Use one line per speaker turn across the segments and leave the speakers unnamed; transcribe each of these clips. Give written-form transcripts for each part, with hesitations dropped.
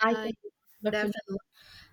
I
Hi,
think
good
definitely
afternoon.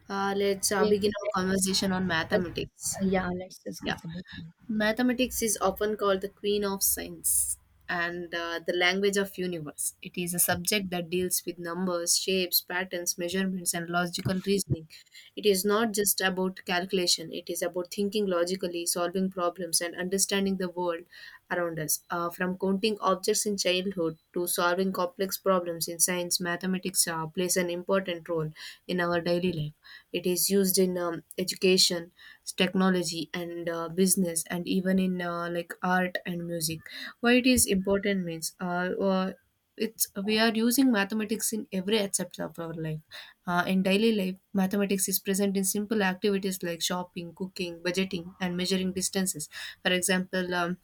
Let's
let's
begin our conversation on
discuss.
mathematics.
Yeah, let's
Yeah,
discuss about mathematics.
mathematics is often called the queen of science and the language of universe. It is a subject that deals with numbers, shapes, patterns, measurements, and logical reasoning. It is not just about calculation. It is about thinking logically, solving problems, and understanding the world around us. From counting objects in childhood to solving complex problems in science, mathematics plays an important role in our daily life. It is used in education, technology, and business, and even in like art and music. Why it is important means it's we are using mathematics in every aspect of our life. In daily life, mathematics is present in simple activities like shopping, cooking, budgeting, and measuring distances. For example,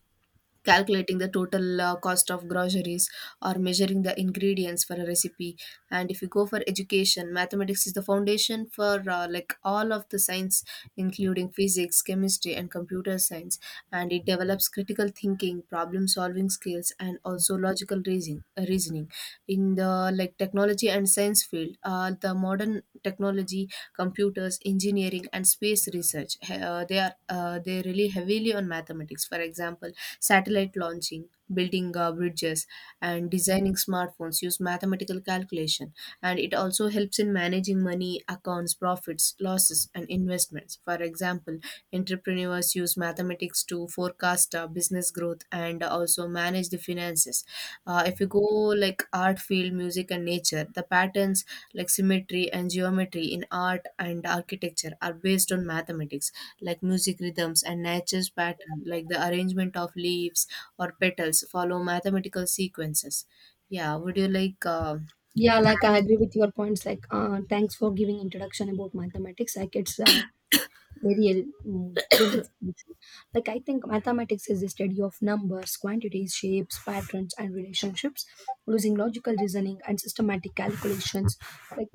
calculating the total cost of groceries or measuring the ingredients for a recipe. And if you go for education, mathematics is the foundation for like all of the science, including physics, chemistry, and computer science. And it develops critical thinking, problem solving skills, and also logical reasoning. In the like technology and science field, the modern technology, computers, engineering, and space research. They are they rely heavily on mathematics. For example, satellite launching, building bridges, and designing smartphones use mathematical calculation. And it also helps in managing money, accounts, profits, losses, and investments. For example, entrepreneurs use mathematics to forecast business growth and also manage the finances. If you go like art field, music, and nature, the patterns like symmetry and geometry in art and architecture are based on mathematics, like music rhythms and nature's pattern, like the arrangement of leaves or petals follow mathematical sequences. Yeah, would you like?
Yeah, like I agree with your points. Like, thanks for giving introduction about mathematics. Like, it's very good information. Like, I think mathematics is the study of numbers, quantities, shapes, patterns, and relationships, using logical reasoning and systematic calculations. Like,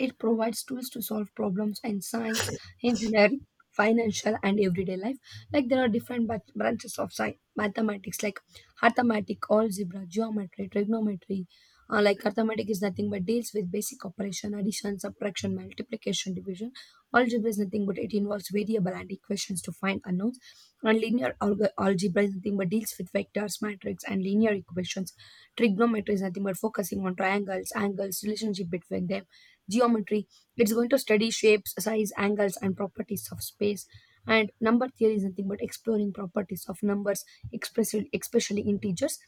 it provides tools to solve problems in science, engineering, financial, and everyday life. Like there are different branches of science, mathematics, like arithmetic, algebra, geometry, trigonometry. Like arithmetic is nothing but deals with basic operation, addition, subtraction, multiplication, division. Algebra is nothing but it involves variable and equations to find unknowns. And linear algebra is nothing but deals with vectors, matrix, and linear equations. Trigonometry is nothing but focusing on triangles, angles, relationship between them. Geometry, it's going to study shapes, size, angles, and properties of space. And number theory is nothing but exploring properties of numbers, especially integers.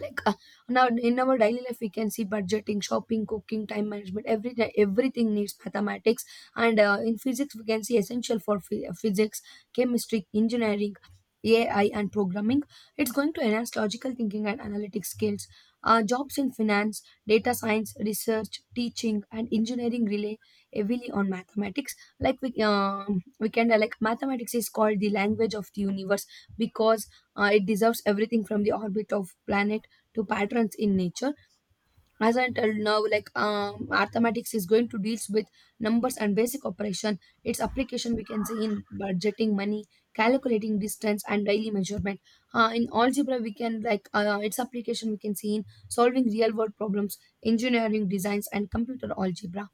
Like now in our daily life we can see budgeting, shopping, cooking, time management, everything needs mathematics. And in physics we can see essential for physics, chemistry, engineering, AI, and programming. It's going to enhance logical thinking and analytic skills. Jobs in finance, data science, research, teaching, and engineering rely heavily on mathematics. Like we can like mathematics is called the language of the universe because it deserves everything from the orbit of planet to patterns in nature. As I told now, like mathematics is going to deals with numbers and basic operation. Its application we can say in budgeting money, calculating distance, and daily measurement. In algebra, we can like its application we can see in solving real world problems, engineering designs, and computer algebra.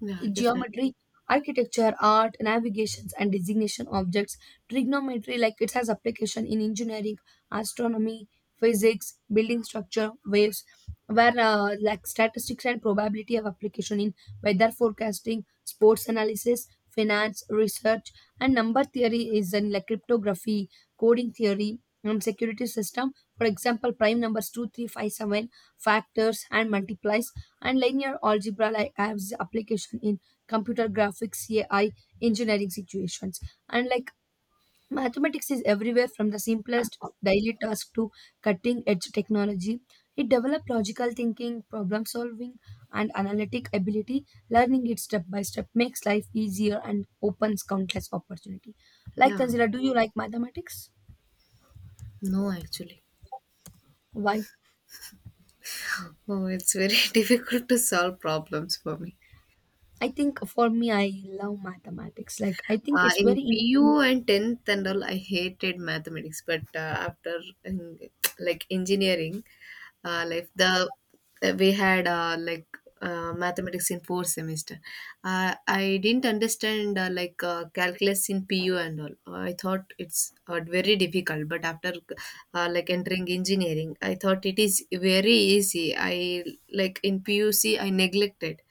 Yeah, definitely.
Geometry, architecture, art, navigations, and designation objects. Trigonometry, like it has application in engineering, astronomy, physics, building structure, waves, where like statistics and probability have application in weather forecasting, sports analysis, finance, research, and number theory is in like cryptography, coding theory, and security system. For example, prime numbers two, three, five, seven, factors and multiplies, and linear algebra like has application in computer graphics, AI, engineering situations. And like mathematics is everywhere from the simplest daily task to cutting edge technology. It developed logical thinking, problem solving, and analytic ability. Learning it step by step makes life easier and opens countless opportunity. Like
Yeah.
Tanzila, do you like mathematics?
No, actually.
Why?
Oh, it's very difficult to solve problems for me.
I think for me, I love mathematics. Like I think it's
In
very
PU and 10th and all, I hated mathematics, but after in, like engineering life, the we had mathematics in fourth semester. I didn't understand calculus in PU and all. I thought it's very difficult, but after like entering engineering, I thought it is very easy. I, like in PUC, I neglected.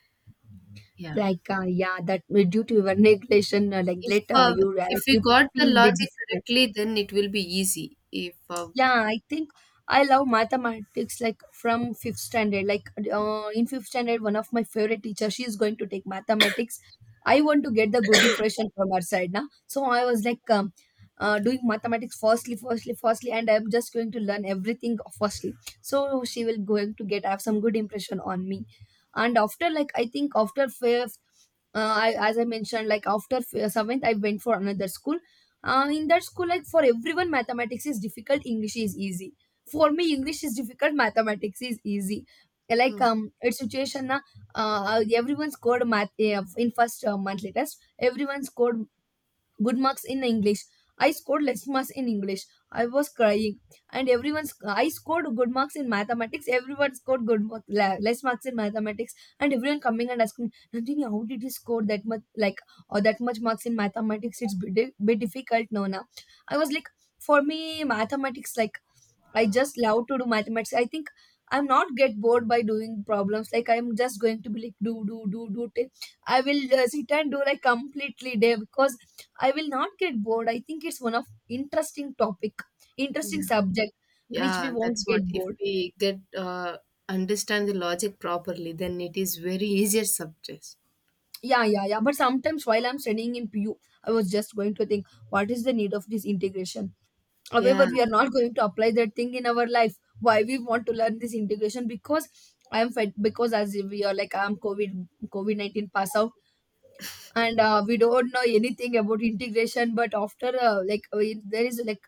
Yeah.
like yeah, that due to your neglection like
If
later
uh,
you uh,
if we
you
got the
feel a bit
logic
different.
correctly, then it will be easy. If
Yeah, I think I love mathematics like from fifth standard. Like in fifth standard, one of my favorite teacher, she is going to take mathematics. I want to get the good impression from her side now, so I was like doing mathematics firstly firstly and I'm just going to learn everything firstly, so she will going to get have some good impression on me. And after, like, I think after fifth, I, as I mentioned, like after seventh, I went for another school. In that school, like for everyone mathematics is difficult, English is easy. For me, English is difficult, mathematics is easy. Like
Mm,
it's situation, na. Everyone scored math in first monthly test, everyone scored good marks in English. I scored less marks in English. I was crying. And everyone's, I scored good marks in mathematics, everyone scored good mark, less marks in mathematics. And everyone coming and asking, Nandini, how did you score that much, like, or that much marks in mathematics? It's bit, bit difficult. No, no. I was like, for me mathematics like, I just love to do mathematics. I think I'm not get bored by doing problems. Like I'm just going to be like do do do do. I will sit and do like completely day because I will not get bored. I think it's one of interesting topic, interesting
yeah,
subject, which we
yeah,
won't
that's what.
get
If
bored.
we get understand the logic properly, then it is very easier subject.
Yeah, yeah, yeah. But sometimes while I'm studying in PU, I was just going to think, what is the need of this integration? However,
Yeah.
we are not going to apply that thing in our life. Why we want to learn this integration? Because I am fed because as we are like I'm COVID 19 pass out and we don't know anything about integration. But after there is like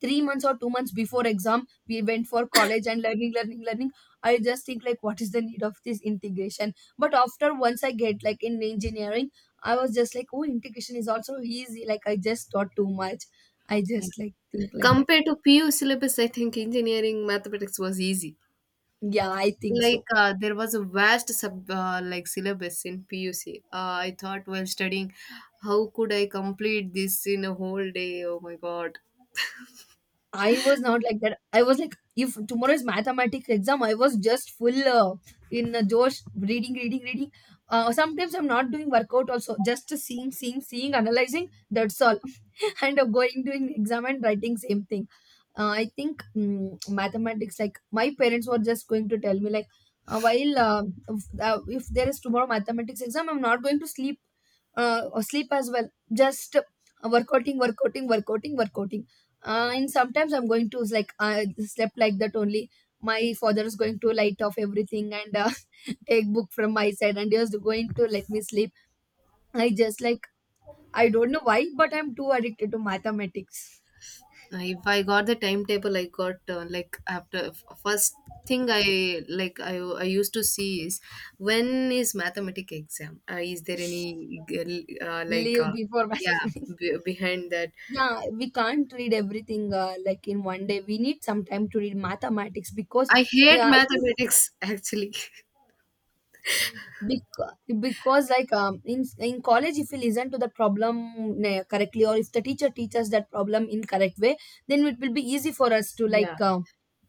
3 months or 2 months before exam we went for college and learning learning. I just think like what is the need of this integration but after once I get like in engineering I was just like, oh, integration is also easy, like I just thought too much. I
Yeah.
just like think like that.
Compared to PU syllabus, I think engineering mathematics was easy.
Yeah, I think
Like
so.
there was a vast sub like syllabus in PUC. I thought while studying, how could I complete this in a whole day? Oh my God!
I was not like that. I was like, if tomorrow is mathematics exam, I was just full in Josh, reading, reading, reading. Sometimes I'm not doing workout also, just seeing, seeing, seeing, analyzing. That's all. And I'm going doing exam and writing same thing. I think mathematics, like my parents were just going to tell me, like, while if there is tomorrow mathematics exam, I'm not going to sleep or sleep as well. Just workouting, workouting, workouting, workouting. And sometimes I'm going to, like, I slept like that only. My father is going to light off everything and take book from my side and just going to let me sleep. I just like, I don't know why, but I'm too addicted to mathematics.
If I got the timetable, I got after first thing I like I used to see is when is mathematic exam? Is there any uh, like
Leave
uh,
before
yeah,
mathematics.
behind that?
Yeah, we can't read everything like in one day we need some time to read mathematics. Because
I hate
yeah I think
mathematics actually.
because, like in college if we listen to the problem correctly or if the teacher teaches that problem in correct way, then it will be easy for us to
Yeah.
like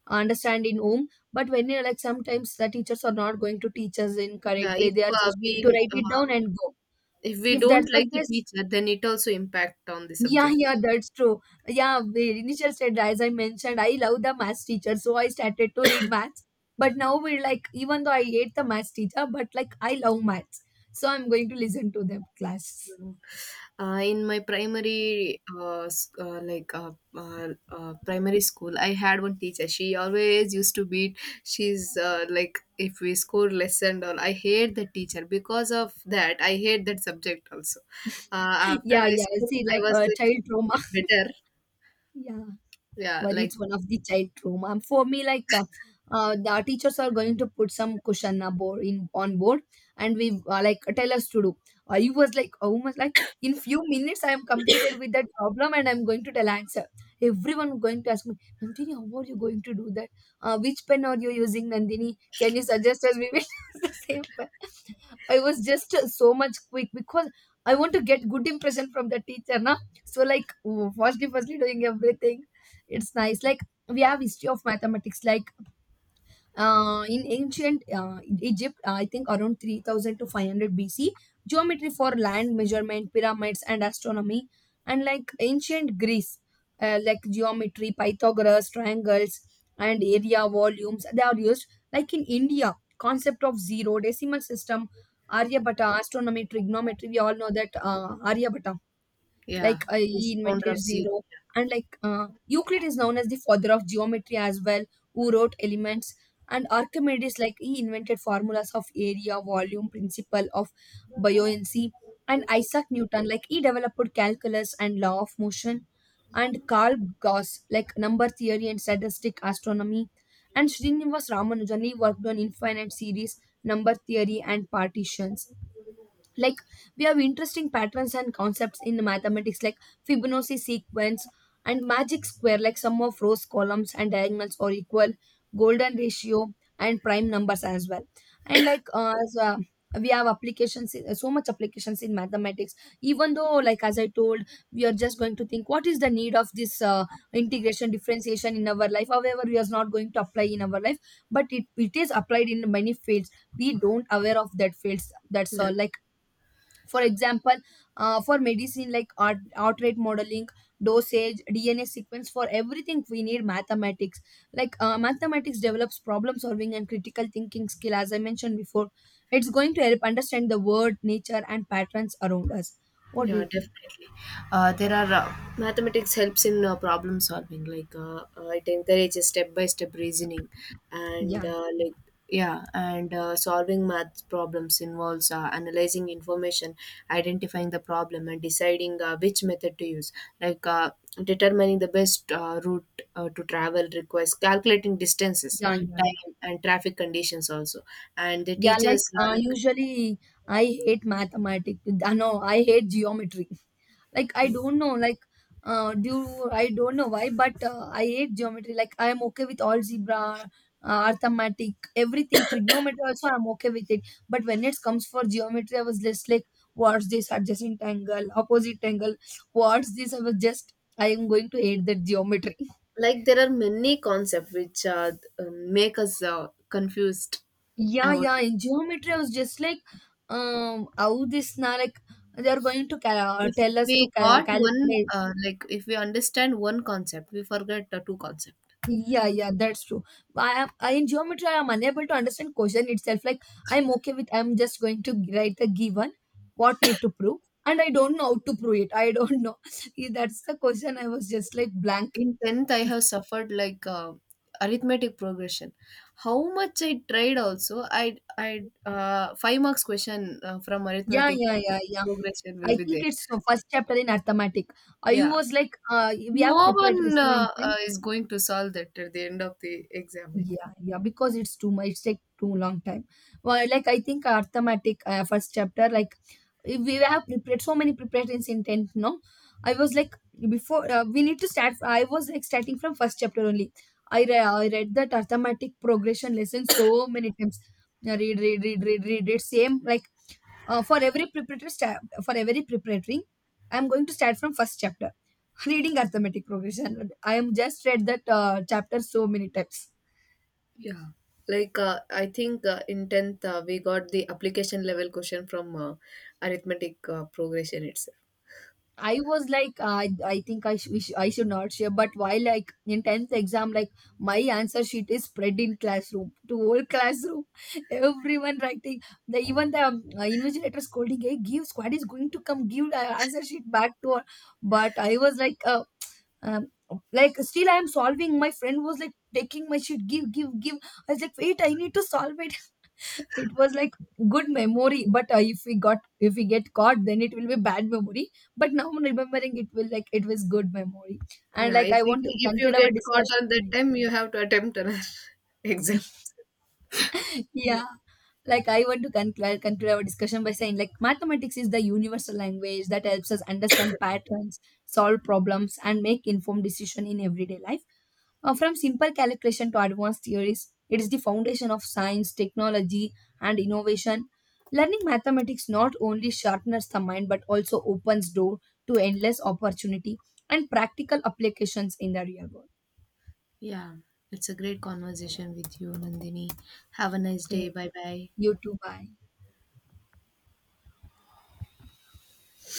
understand in home. But when you're like sometimes the teachers are not going to teach us in
Yeah,
correct way, they are just going to write it down and go.
if we
If that's
don't
the
like the
case.
teacher, then it also impact on the
Yeah,
subject.
yeah, that's true. Yeah, the initial stage, as I mentioned, I love the maths teacher, so I started to read maths. But now we're like, even though I hate the maths teacher, but like I love maths, so I'm going to listen to them class.
In my primary primary school, I had one teacher. She always used to beat. She's uh, like if we score less and all, I hate the teacher. Because of that, I hate that subject also. After
Yeah,
high
yeah,
school,
see,
I
like
was
a
like
child trauma.
bit better.
Yeah.
Yeah,
But
like.
it's one of the child trauma. And for me, like the teachers are going to put some question board in on board, and we like tell us to do. I was like almost like in few minutes I am completed with that problem, and I'm going to tell answer. Everyone going to ask me, Nandini, how are you going to do that? Which pen are you using, Nandini? Can you suggest us we will use the same pen? I was just so much quick because I want to get good impression from the teacher, na. So like, firstly, firstly doing everything, it's nice like we have history of mathematics like in ancient Egypt I think around 3000 to 500 BC, geometry for land measurement, pyramids, and astronomy. And like ancient Greece, like geometry, Pythagoras, triangles, and area, volumes they are used. Like in India, concept of zero, decimal system, Aryabhata, astronomy, trigonometry, we all know that Aryabhata,
Yeah.
like he
Is founder
invented
of zero.
zero. And like Euclid is known as the father of geometry as well, who wrote elements. And Archimedes, like, he invented formulas of area, volume, principle of buoyancy. And Isaac Newton, like, he developed calculus and law of motion. And Carl Gauss, like, number theory and statistic, astronomy. And Srinivas Ramanujan, he worked on infinite series, number theory, and partitions. Like we have interesting patterns and concepts in mathematics, like Fibonacci sequence and magic square, like sum of rows, columns, and diagonals or equal, golden ratio, and prime numbers as well. And like we have applications in, so much applications in mathematics. Even though like as I told, we are just going to think what is the need of this integration, differentiation in our life, however we are not going to apply in our life, but it is applied in many fields. We don't aware of that fields. That's
Yeah.
all, like, for example, for medicine, like art, outright modeling, dosage, DNA sequence, for everything we need mathematics. Like mathematics develops problem solving and critical thinking skill, as I mentioned before, it's going to help understand the world, nature, and patterns around us. What do
Yeah,
you think?
definitely. There are Mathematics helps in problem solving. Like it encourages step by step reasoning, and
Yeah,
yeah, and solving math problems involves analyzing information, identifying the problem, and deciding which method to use. Like determining the best route to travel requires calculating distances,
yeah, yeah, yeah.
time, and traffic conditions also. And the
Yeah, like
teachers uh, like.
usually I hate mathematics no, I hate geometry like I
Oh,
don't know like do I don't know why but I hate geometry. Like I am okay with algebra, arithmetic, everything, trigonometry also I'm okay with it, but when it comes for geometry I was just like what's this adjacent angle, opposite angle, what's this, I was just, I am going to hate that geometry.
like there are many concepts which make us confused
Yeah,
about
yeah,
it.
in geometry I was just like how this now like they are going to
If
tell us to
we got one,
calculate.
if we understand one concept, we forget the two concept.
Yeah, yeah, that's true. I am I, in geometry I am unable to understand question itself. Like I'm okay with, I'm just going to write the given, what need to prove, and I don't know how to prove it. I don't know. Yeah, that's the question. I was just like blank.
In 10th, I have suffered, like, arithmetic progression. How much I tried also. I I five marks question from
Yeah,
arithmetic
yeah, yeah, yeah.
progression will
I
be
think
there.
it's the first chapter in arithmetic. I
Yeah,
was like, we have
no
preparatory
one
science.
is going to solve that at the end of the exam.
Yeah, yeah, because it's too much. It's take too long time. Well, like I think arithmetic first chapter, like if we have prepared so many preparations in tenth. No, I was like before we need to start. I was like starting from first chapter only. I I read that arithmetic progression lesson so many times. Yeah, read, read, read, read, read, read. Same like for every preparatory step, for every preparatory, I am going to start from first chapter. Reading arithmetic progression. I am just read that chapter so many times.
Yeah, like I think in 10th we got the application level question from arithmetic progression itself.
I was like, I think I I should not share. But while like in tenth exam, like my answer sheet is spread in classroom to whole classroom, everyone writing. The even the invigilator scolding, hey, give squad is going to come give the answer sheet back to her. But I was um, like still I am solving. My friend was like taking my sheet, give give give. I was like, wait, I need to solve it. It was like good memory but if we got, if we get caught then it will be bad memory, but now remembering it will like it was good memory. And
Yeah,
like I want to
if you
conclude our
get caught on that
discussion.
time, you have to attempt another exam.
Yeah. Like I want to conclude our discussion by saying like mathematics is the universal language that helps us understand patterns, solve problems, and make informed decision in everyday life. From simple calculation to advanced theories, it is the foundation of science, technology, and innovation. Learning mathematics not only sharpens the mind but also opens door to endless opportunity and practical applications in the real world.
Yeah, it's a great conversation with you, Nandini. Have a nice day.
Okay,
Bye bye.
you too. Bye.